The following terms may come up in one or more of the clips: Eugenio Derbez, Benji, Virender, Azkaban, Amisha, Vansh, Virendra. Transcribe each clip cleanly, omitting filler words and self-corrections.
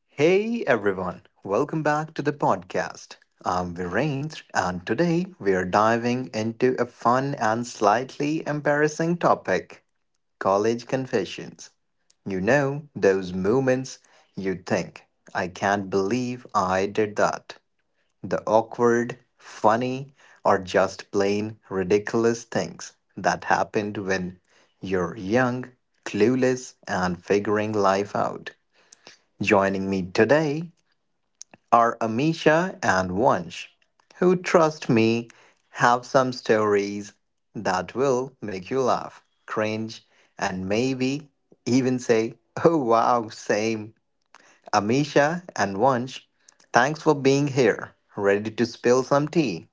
Hey everyone, welcome back to the podcast. I'm Virendra, and today we are diving into a fun and slightly embarrassing topic college confessions. You know, those moments you think, I can't believe I did that. The awkward, funny, or just plain ridiculous things that happened when you're young, clueless, and figuring life out. Joining me today are Amisha and Vansh, who, trust me, have some stories that will make you laugh, cringe, and maybe even say, oh wow, same. Amisha and Vansh, thanks for being here, ready to spill some tea.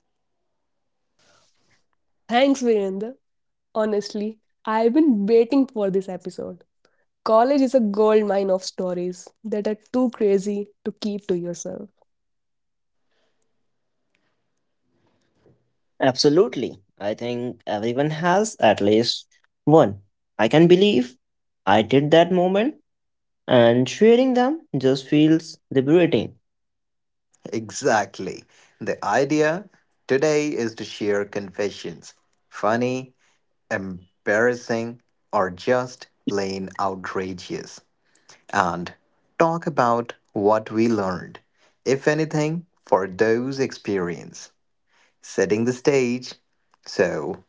Thanks, Virender. Honestly, I've been waiting for this episode. College is a goldmine of stories that are too crazy to keep to yourself. Absolutely. I think everyone has at least one. I can believe I did that moment and sharing them just feels liberating. Exactly. The idea today is to share confessions funny, embarrassing, or just plain outrageous. And talk about what we learned, if anything, for those experience. Setting the stage. So,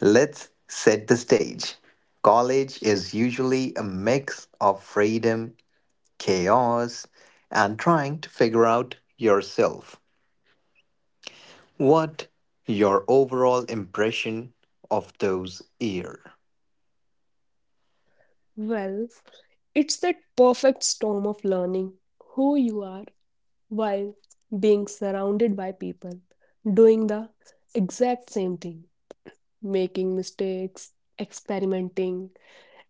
let's set the stage. College is usually a mix of freedom, chaos, and trying to figure out yourself. What your overall impression of those years? Well, it's that perfect storm of learning who you are while being surrounded by people doing the exact same thing, making mistakes, experimenting,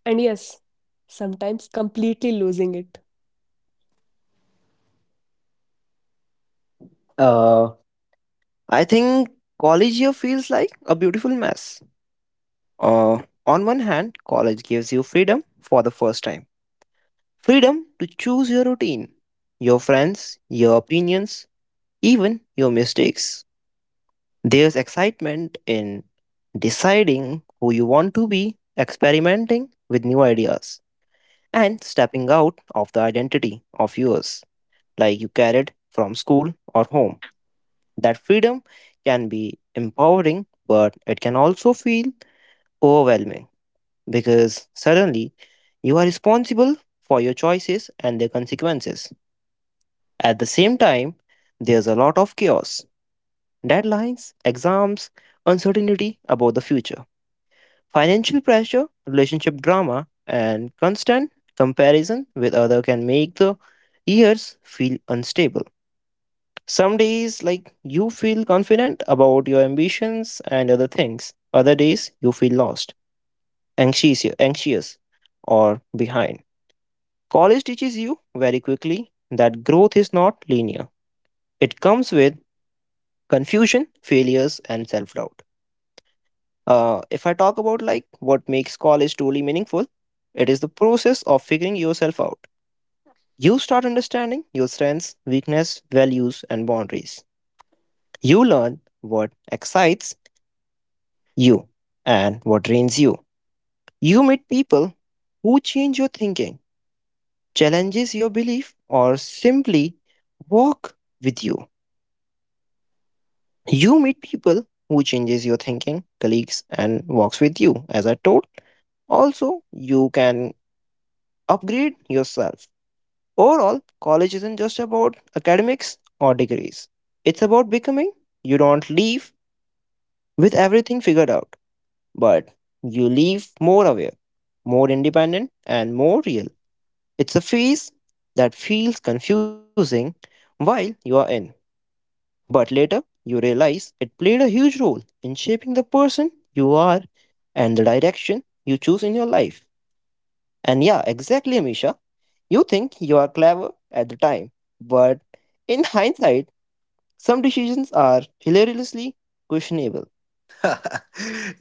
and yes, sometimes completely losing it. Uh I think college year feels like a beautiful mess. On one hand, college gives you freedom for the first time. Freedom to choose your routine, your friends, your opinions, even your mistakes. There's excitement in deciding who you want to be, experimenting with new ideas, and stepping out of the identity of yours, like you carried from school or home. That freedom can be empowering, but it can also feel overwhelming because suddenly you are responsible for your choices and their consequences. At the same time, there's a lot of chaos, deadlines, exams, uncertainty about the future. Financial pressure, relationship drama, and constant comparison with other can make the years feel unstable. Some days like you feel confident about your ambitions and other things. Other days you feel lost, anxious or behind. College teaches you very quickly that growth is not linear. It comes with confusion, failures and self-doubt. If I talk about like what makes college truly meaningful, it is the process of figuring yourself out. You start understanding your strengths, weakness, values, and boundaries. You learn what excites you and what drains you. You meet people who change your thinking, challenges your belief, or simply walk with you. You meet people who changes your thinking, colleagues, and walks with you. As I told, also you can upgrade yourself. Overall, college isn't just about academics or degrees. It's about becoming. You don't leave with everything figured out, but you leave more aware, more independent, and more real. It's a phase that feels confusing while you are in, but later you realize it played a huge role in shaping the person you are and the direction you choose in your life. And yeah, exactly, Amisha. You think you are clever at the time, but in hindsight, some decisions are hilariously questionable.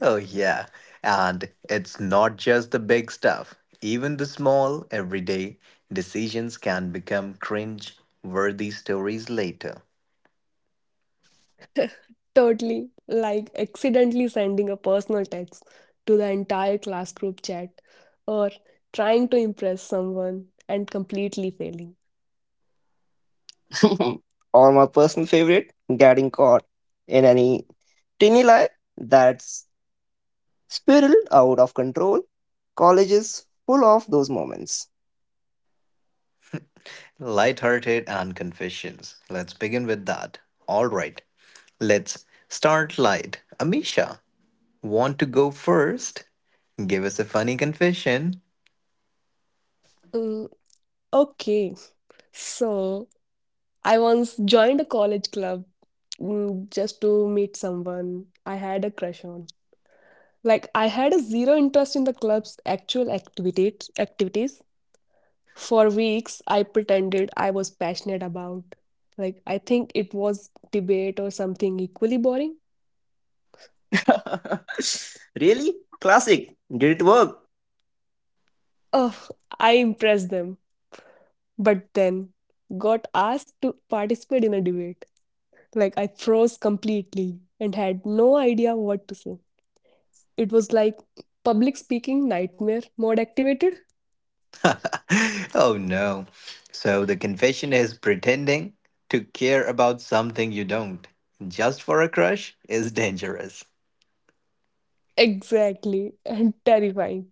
Oh, yeah. And it's not just the big stuff. Even the small, everyday decisions can become cringe worthy stories later. Totally. Like accidentally sending a personal text to the entire class group chat or trying to impress someone and completely failing. Or my personal favorite, getting caught in any tiny lie that's spiraled out of control. College is full of those moments. Lighthearted and confessions. Let's begin with that. All right. Let's start light. Amisha, want to go first? Give us a funny confession. Mm, okay. So I once joined a college club just to meet someone I had a crush on. Like I had a zero interest in the club's actual activities, For weeks, I pretended I was passionate about. Like, I think it was debate or something equally boring. Really? Classic. Did it work? Ugh, I impressed them, but then got asked to participate in a debate. Like, I froze completely and had no idea what to say. It was like public speaking nightmare mode activated. Oh no. So the confession is pretending to care about something you don't just for a crush is dangerous. Exactly, and terrifying.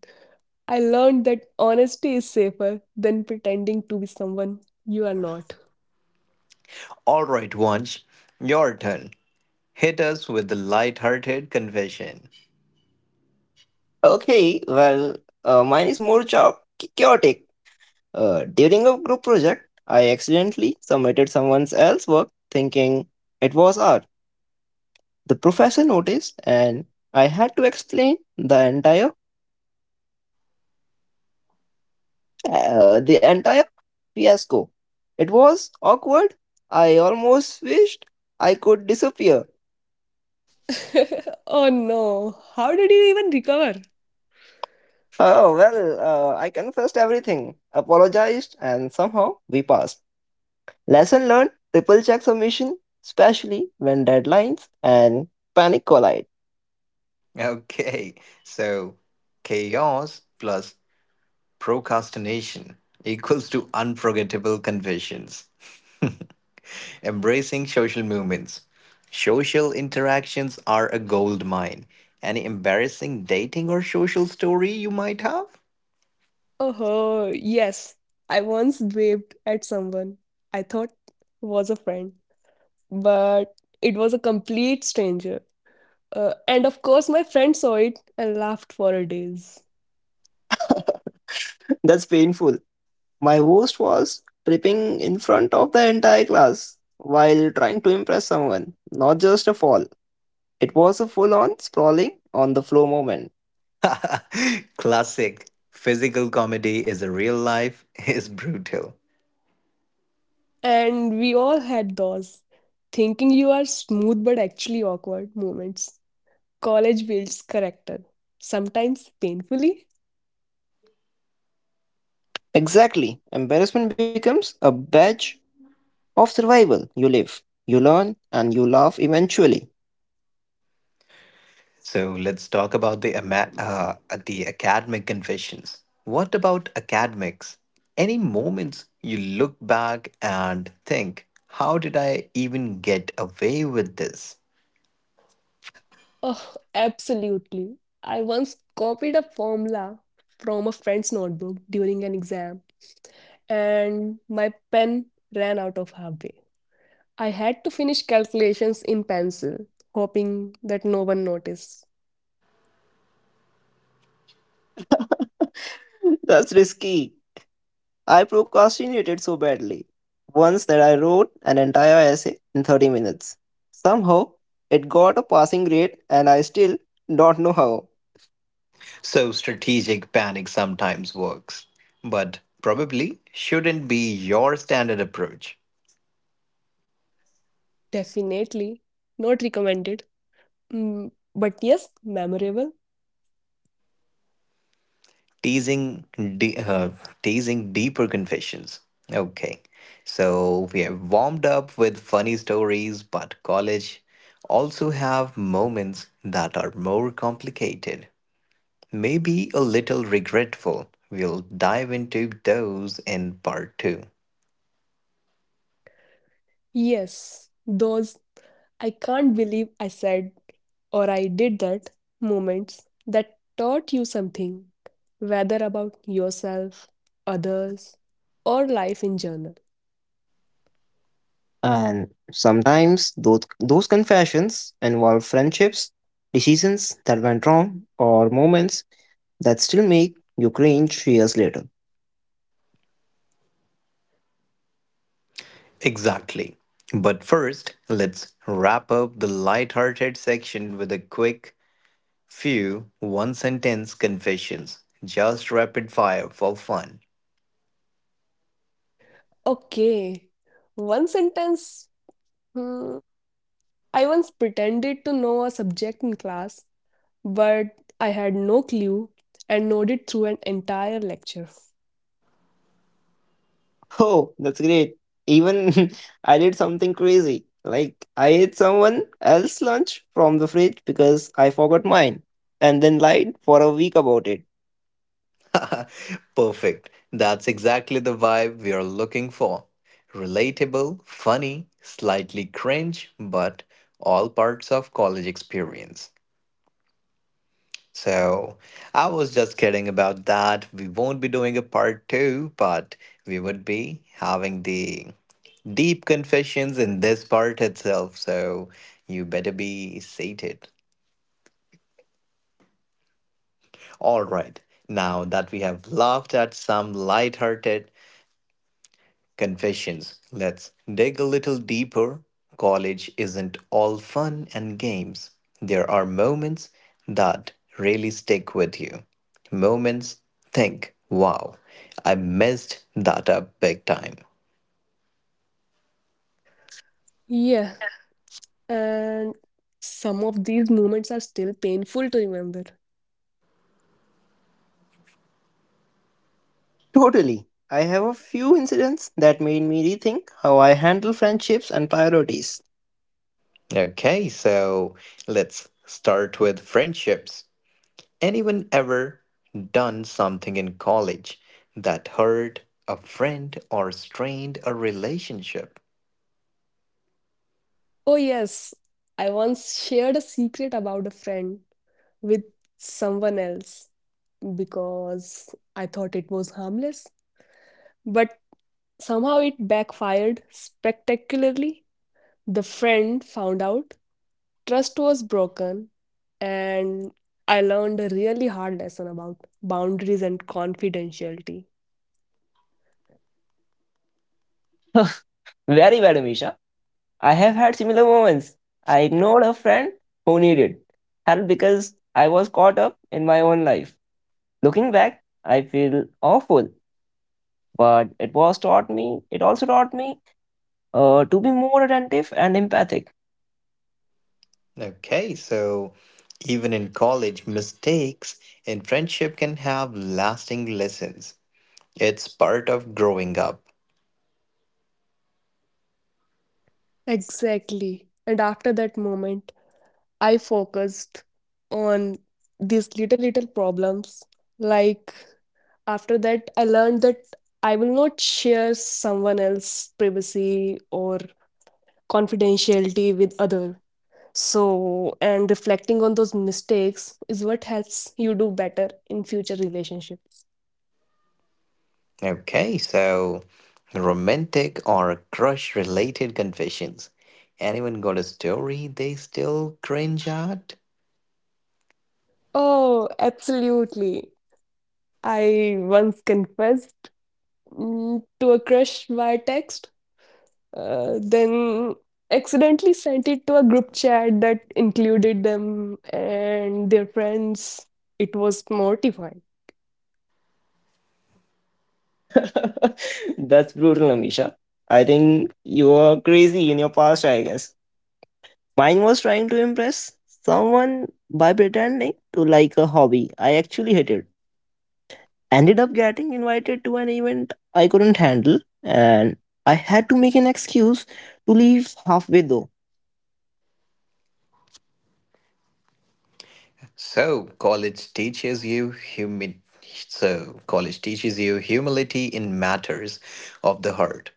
I learned that honesty is safer than pretending to be someone you are not. All right, Wanch, your turn. Hit us with the light-hearted confession. Okay, well, mine is more chao- chaotic. During a group project, I accidentally submitted someone else's work thinking it was art. The professor noticed, and I had to explain the entire fiasco. It was awkward. I almost wished I could disappear. Oh no, how did you even recover? Oh well, I confessed everything, apologized, and somehow we passed. Lesson learned: triple check submission, especially when deadlines and panic collide. Okay, so chaos plus procrastination equals to unforgettable confessions. Embracing social movements. Social interactions are a gold mine. Any embarrassing dating or social story you might have? Oh, yes. I once waved at someone I thought was a friend, but it was a complete stranger. And of course, my friend saw it and laughed for a days. That's painful. My host was tripping in front of the entire class while trying to impress someone, not just a fall. It was a full on sprawling on the floor moment. Classic. Physical comedy is a real life is brutal. And we all had those thinking you are smooth but actually awkward moments. College builds character, sometimes painfully. Exactly. Embarrassment becomes a badge of survival. You live, you learn, and you laugh eventually. So let's talk about the the academic confessions. What about academics? Any moments you look back and think, how did I even get away with this? Oh, absolutely. I once copied a formula from a friend's notebook during an exam, and my pen ran out of halfway. I had to finish calculations in pencil, hoping that no one noticed. That's risky. I procrastinated so badly once that I wrote an entire essay in 30 minutes. Somehow, it got a passing grade, and I still don't know how. So strategic panic sometimes works, but probably shouldn't be your standard approach. Definitely not recommended. But yes, memorable. Teasing, de- uh, teasing deeper confessions. Okay, so we have warmed up with funny stories, but college also have moments that are more complicated, maybe a little regretful. We'll dive into those in part two. Yes, those I can't believe I said or I did that moments that taught you something, whether about yourself, others, or life in general. And sometimes those confessions involve friendships, decisions that went wrong, or moments that still make you cringe years later. Exactly. But first, let's wrap up the light-hearted section with a quick few one-sentence confessions. Just rapid fire for fun. Okay, one sentence. Hmm, I once pretended to know a subject in class, but I had no clue and nodded through an entire lecture. Oh, that's great. Even I did something crazy. Like I ate someone else's lunch from the fridge because I forgot mine and then lied for a week about it. Perfect. That's exactly the vibe we are looking for. Relatable, funny, slightly cringe, but all parts of college experience. So I was just kidding about that. We won't be doing a part two, but we would be having the deep confessions in this part itself. So you better be sated. All right. Now that we have laughed at some lighthearted confessions. Let's dig a little deeper. College isn't all fun and games. There are moments that really stick with you. Moments think, wow, I messed that up big time. Yeah, and some of these moments are still painful to remember. Totally. I have a few incidents that made me rethink how I handle friendships and priorities. Okay, so let's start with friendships. Anyone ever done something in college that hurt a friend or strained a relationship? Oh, yes. I once shared a secret about a friend with someone else because I thought it was harmless, but somehow it backfired spectacularly. The friend found out, trust was broken, and I learned a really hard lesson about boundaries and confidentiality. Very bad, Amisha. I have had similar moments. I ignored a friend who needed help because I was caught up in my own life. Looking back, I feel awful, but it also taught me to be more attentive and empathic. Okay, so even in college, mistakes in friendship can have lasting lessons. It's part of growing up. Exactly. And after that moment, I focused on these little problems. Like, after that I learned that I will not share someone else's privacy or confidentiality with other. So, and reflecting on those mistakes is what helps you do better in future relationships. Okay, so romantic or crush related confessions. Anyone got a story they still cringe at? Oh, absolutely. I once confessed, to a crush via text, then accidentally sent it to a group chat that included them and their friends. It was mortifying. That's brutal, Amisha. I think you were crazy in your past, I guess. Mine was trying to impress someone by pretending to like a hobby I actually hated. Ended up getting invited to an event I couldn't handle, and I had to make an excuse to leave halfway though. So college teaches you humi- so college teaches you humility in matters of the heart.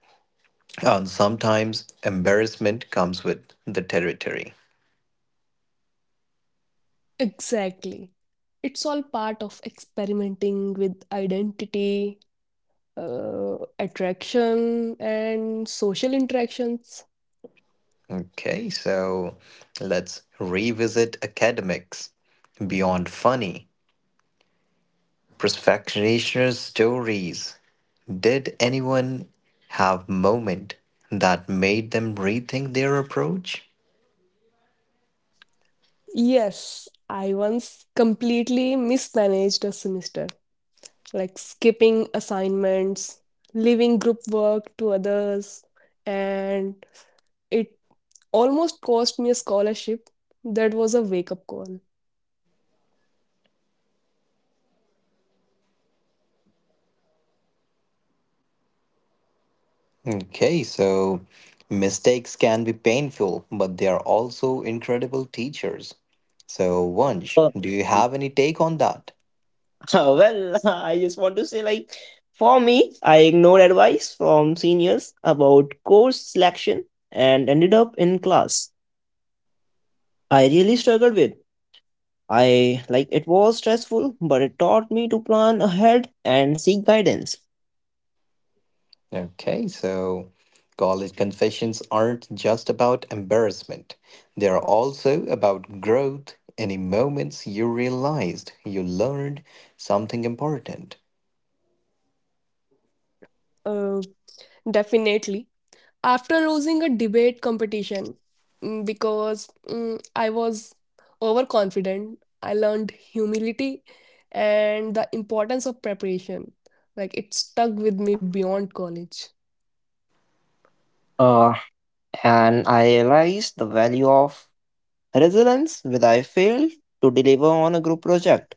And sometimes embarrassment comes with the territory. Exactly. It's all part of experimenting with identity, attraction, and social interactions. Okay, so let's revisit academics. Beyond funny, perfectionist stories. Did anyone have moment that made them rethink their approach? Yes, I once completely mismanaged a semester, like skipping assignments, leaving group work to others, and it almost cost me a scholarship. That was a wake-up call. Okay, so mistakes can be painful, but they are also incredible teachers. So, Vansh, do you have any take on that? Well, I just want to say, like, for me, I ignored advice from seniors about course selection and ended up in class. I really struggled with. I like it was stressful, but it taught me to plan ahead and seek guidance. Okay, so college confessions aren't just about embarrassment, they are also about growth. Any moments you realized you learned something important. Uh, Definitely. After losing a debate competition, because I was overconfident. I learned humility and the importance of preparation. Like, it stuck with me beyond college. Uh, and I realized the value of resilience when I failed to deliver on a group project.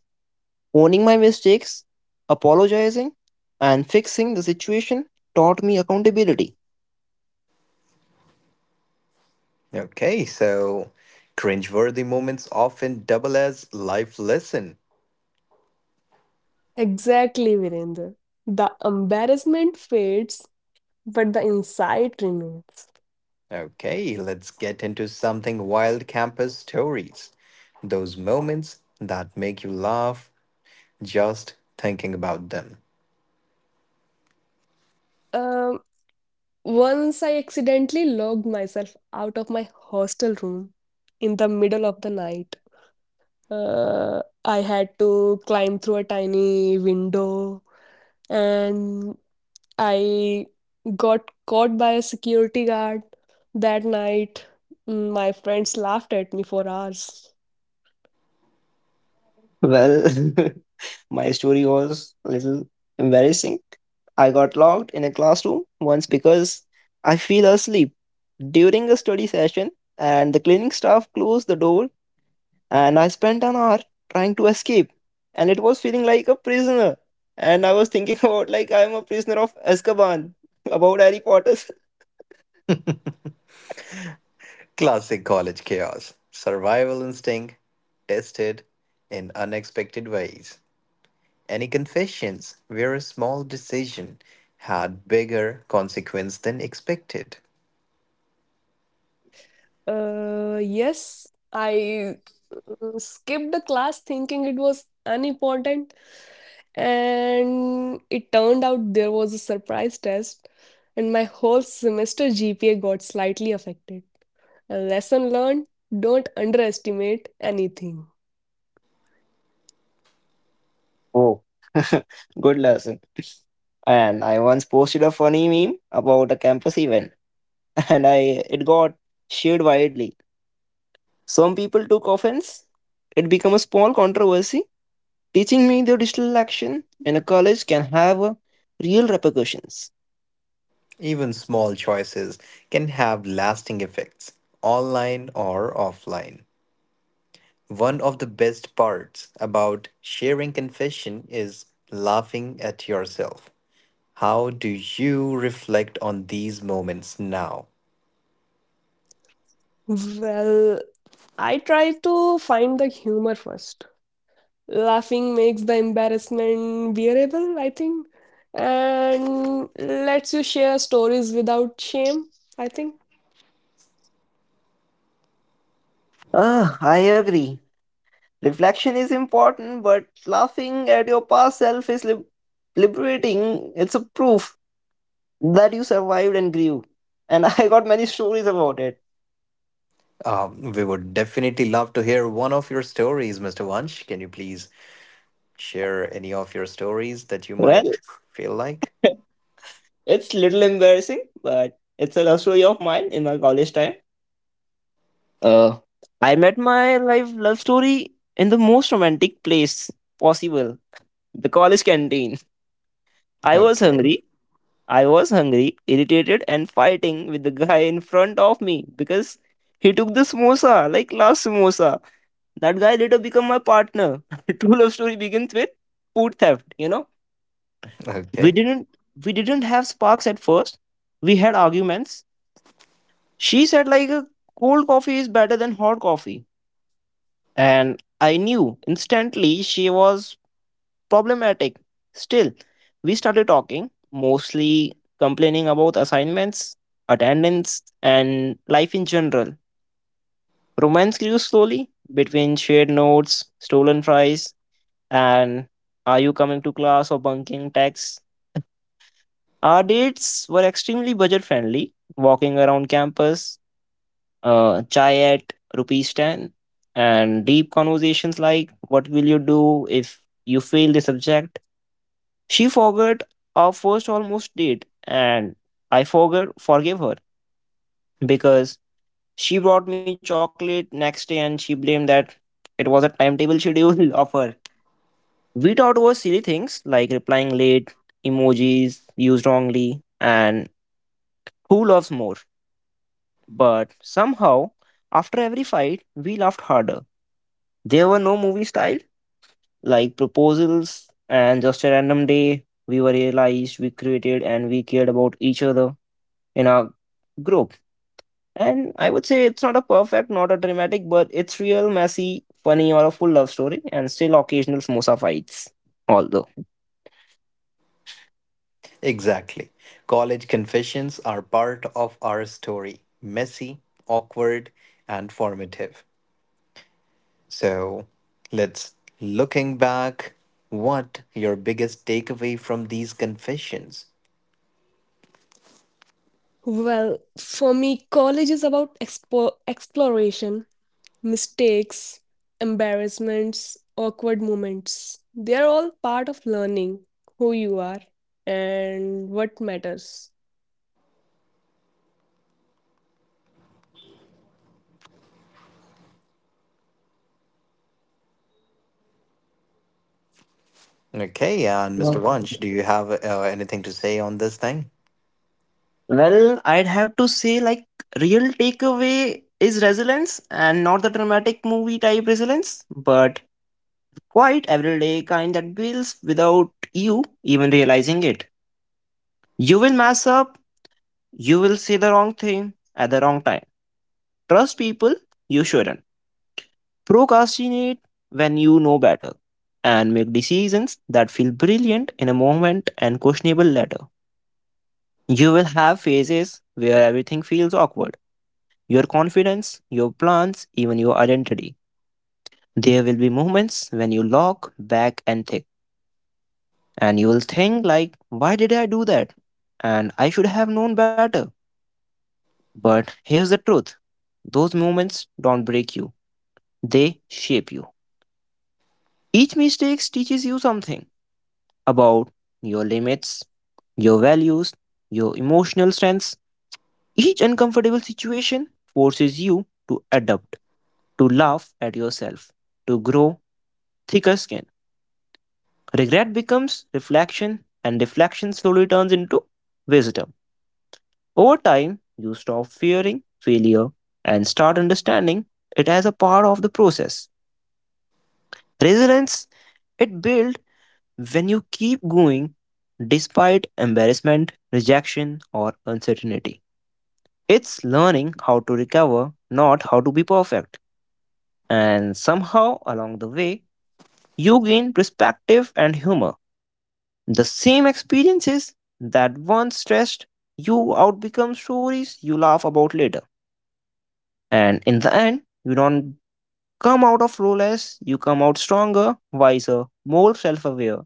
Owning my mistakes, apologizing, and fixing the situation taught me accountability. Okay, so cringeworthy moments often double as life lesson. Exactly, Virender. The embarrassment fades, but the insight remains. Okay, let's get into something wild campus stories. Those moments that make you laugh just thinking about them. Um, Once I accidentally logged myself out of my hostel room in the middle of the night. I had to climb through a tiny window and I got caught by a security guard that night. My friends laughed at me for hours. Well, my story was a little embarrassing. I got locked in a classroom once because I fell asleep during a study session and the cleaning staff closed the door and I spent an hour trying to escape and it was feeling like a prisoner and I was thinking about like I'm a prisoner of Azkaban about Harry Potter. Classic college chaos. Survival instinct tested in unexpected ways. Any confessions where a small decision had bigger consequence than expected. Yes, I skipped the class thinking it was unimportant, and it turned out there was a surprise test, and my whole semester GPA got slightly affected. A lesson learned, don't underestimate anything. Oh, good lesson. And I once posted a funny meme about a campus event and I it got shared widely. Some people took offense. It became a small controversy, teaching me the digital action in a college can have real repercussions. Even small choices can have lasting effects, online or offline. One of the best parts about sharing confession is laughing at yourself. How do you reflect on these moments now? Well, I try to find the humor first. Laughing makes the embarrassment bearable, I think. And lets you share stories without shame, I think. Ah, I agree. Reflection is important, but laughing at your past liberating. It's a proof that you survived and grew. And I got many stories about it. We would definitely love to hear one of your stories, Mr. Vansh. Can you please share any of your stories that you Well, might feel like? it's little embarrassing, but it's a love story of mine in my college time. Uh, I met my life love story in the most romantic place possible the college canteen. I was Okay, hungry. I was hungry, irritated, and fighting with the guy in front of me because he took the samosa, like last samosa. That guy later became my partner. True love story begins with food theft, you know? We okay, didn't we didn't have sparks at first. We had arguments. She said like a cold coffee is better than hot coffee. And I knew instantly she was problematic. Still, we started talking, mostly complaining about assignments, attendance, and life in general. Romance grew slowly between shared notes, stolen fries, and are you coming to class or bunking texts. Our dates were extremely budget friendly, walking around campus, chai at rupees 10 and deep conversations like what will you do if you fail the subject. She forgot our first almost date and I forgot forgave her because she brought me chocolate next day and she blamed that it was a timetable schedule of her. We thought was silly things like replying late, emojis used wrongly and who loves more, but somehow after every fight we laughed harder. There were no movie style like proposals and just a random day we were realized we created and we cared about each other in our group. And I would say it's not a perfect not a dramatic but it's real messy funny or a full love story and still occasional samosa fights, although exactly. College confessions are part of our story messy, awkward, and formative. So let's looking back what your biggest takeaway from these confessions Well, for me, college is about exploration, mistakes, embarrassments, awkward moments. They're all part of learning who you are and what matters. okay and uh, mr Vansh, do you have anything to say on this thing. well I'd have to say like real takeaway is resilience and not the dramatic movie type resilience but quite everyday kind that builds without you even realizing it. You will mess up. You will say the wrong thing at the wrong time. Trust people you shouldn't. Procrastinate when you know better. And make decisions that feel brilliant in a moment and questionable later. You will have phases where everything feels awkward, your confidence, your plans, even your identity. There will be moments when you lock back and think, and you will think, like, why did I do that? And I should have known better. But here's the truth, those moments don't break you. They shape you. Each mistake teaches you something about your limits, your values, your emotional strengths. Each uncomfortable situation forces you to adapt, to laugh at yourself, to grow thicker skin. Regret becomes reflection, and reflection slowly turns into wisdom. Over time, you stop fearing failure and start understanding it as a part of the process. Resilience, it builds when you keep going despite embarrassment, rejection, or uncertainty. It's learning how to recover, not how to be perfect. And somehow along the way, you gain perspective and humor. The same experiences that once stressed you out become stories you laugh about later. And in the end, you don't come out of lowless, you come out stronger, wiser, more self aware,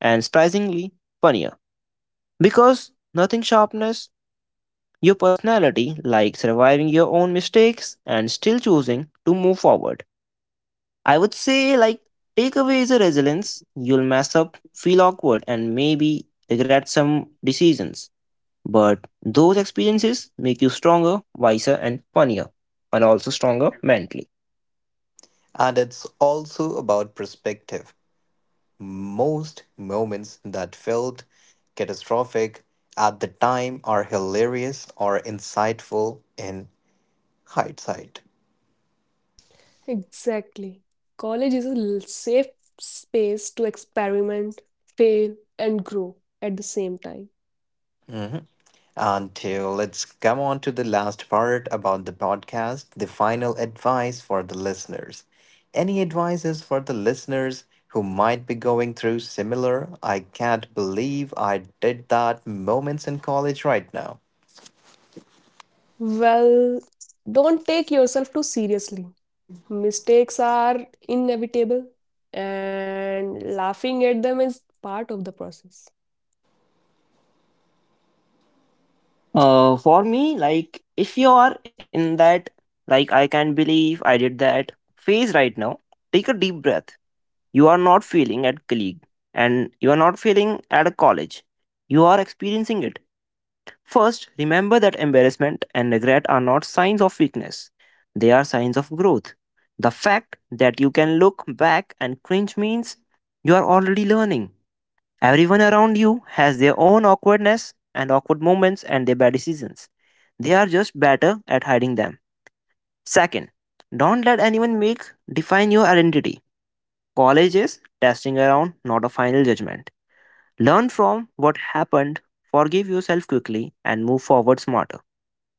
and surprisingly funnier. Because nothing sharpness your personality, like surviving your own mistakes and still choosing to move forward. I would say, like, takeaway is a resilience. You'll mess up, feel awkward, and maybe regret some decisions. But those experiences make you stronger, wiser, and funnier, and also stronger mentally. And it's also about perspective. Most moments that felt catastrophic at the time are hilarious or insightful in hindsight. Exactly. College is a safe space to experiment, fail, and grow at the same time. Mhm. And let's come on to the last part about the podcast the final advice for the listeners. Any advices for the listeners who might be going through similar, I can't believe I did that moments in college right now? Well, don't take yourself too seriously. Mistakes are inevitable, and laughing at them is part of the process. For me, like, if you are in that, like, I can not believe I did that phase right now, take a deep breath. You are not feeling at colleague and you are not feeling at a college. You are experiencing it. First, remember that embarrassment and regret are not signs of weakness. They are signs of growth. The fact that you can look back and cringe means you are already learning. Everyone around you has their own awkwardness and awkward moments and their bad decisions. They are just better at hiding them. Second, don't let anyone make define your identity. College is testing around, not a final judgment. Learn from what happened, forgive yourself quickly, and move forward smarter.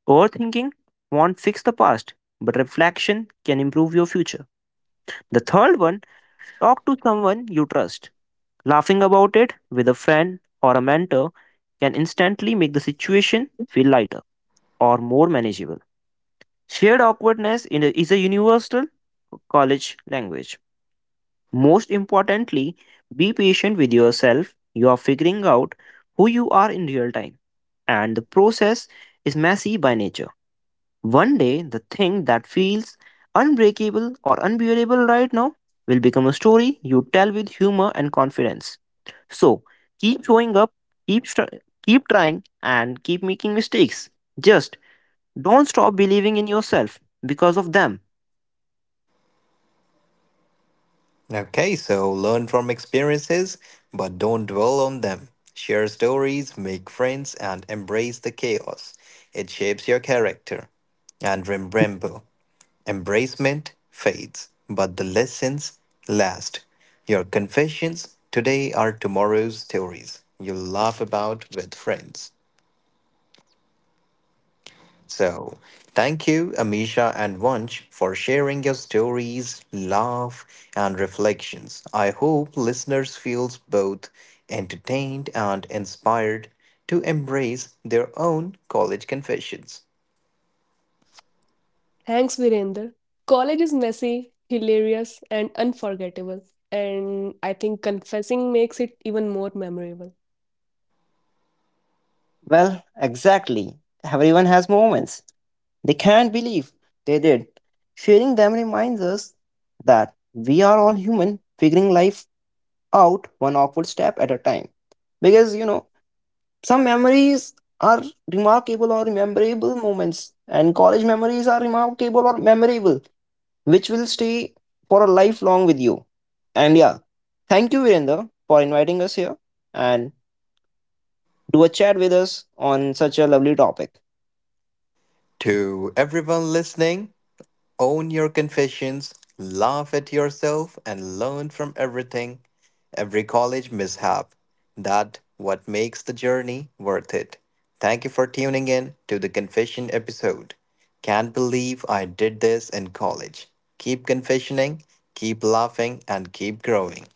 Overthinking won't fix the past, but reflection can improve your future. The third one, talk to someone you trust. Laughing about it with a friend or a mentor can instantly make the situation feel lighter or more manageable. Shared awkwardness in a- is a universal college language. Most importantly, be patient with yourself. You are figuring out who you are in real time, and the process is messy by nature. One day, the thing that feels unbreakable or unbearable right now will become a story you tell with humor and confidence. So, keep showing up, keep trying and keep making mistakes. Just don't stop believing in yourself because of them. Okay, so learn from experiences, but don't dwell on them. Share stories, make friends, and embrace the chaos. It shapes your character. And remember, embracement fades, but the lessons last. Your confessions today are tomorrow's stories you'll laugh about with friends. So, thank you, Amisha and Vansh, for sharing your stories, love, and reflections. I hope listeners feels both entertained and inspired to embrace their own college confessions. Thanks, Virender. College is messy, hilarious, and unforgettable, and I think confessing makes it even more memorable. Well, exactly. Everyone has moments they can't believe they did. Sharing them reminds us that we are all human, figuring life out one awkward step at a time. Because, you know, some memories are remarkable or memorable moments, and college memories are remarkable or memorable, which will stay for a lifelong with you. And yeah, thank you, Virendra, for inviting us here and do a chat with us on such a lovely topic. To everyone listening, own your confessions, laugh at yourself, and learn from everything, every college mishap. That what makes the journey worth it. Thank you for tuning in to the confession episode. Can't believe I did this in college. Keep confessioning, keep laughing, and keep growing.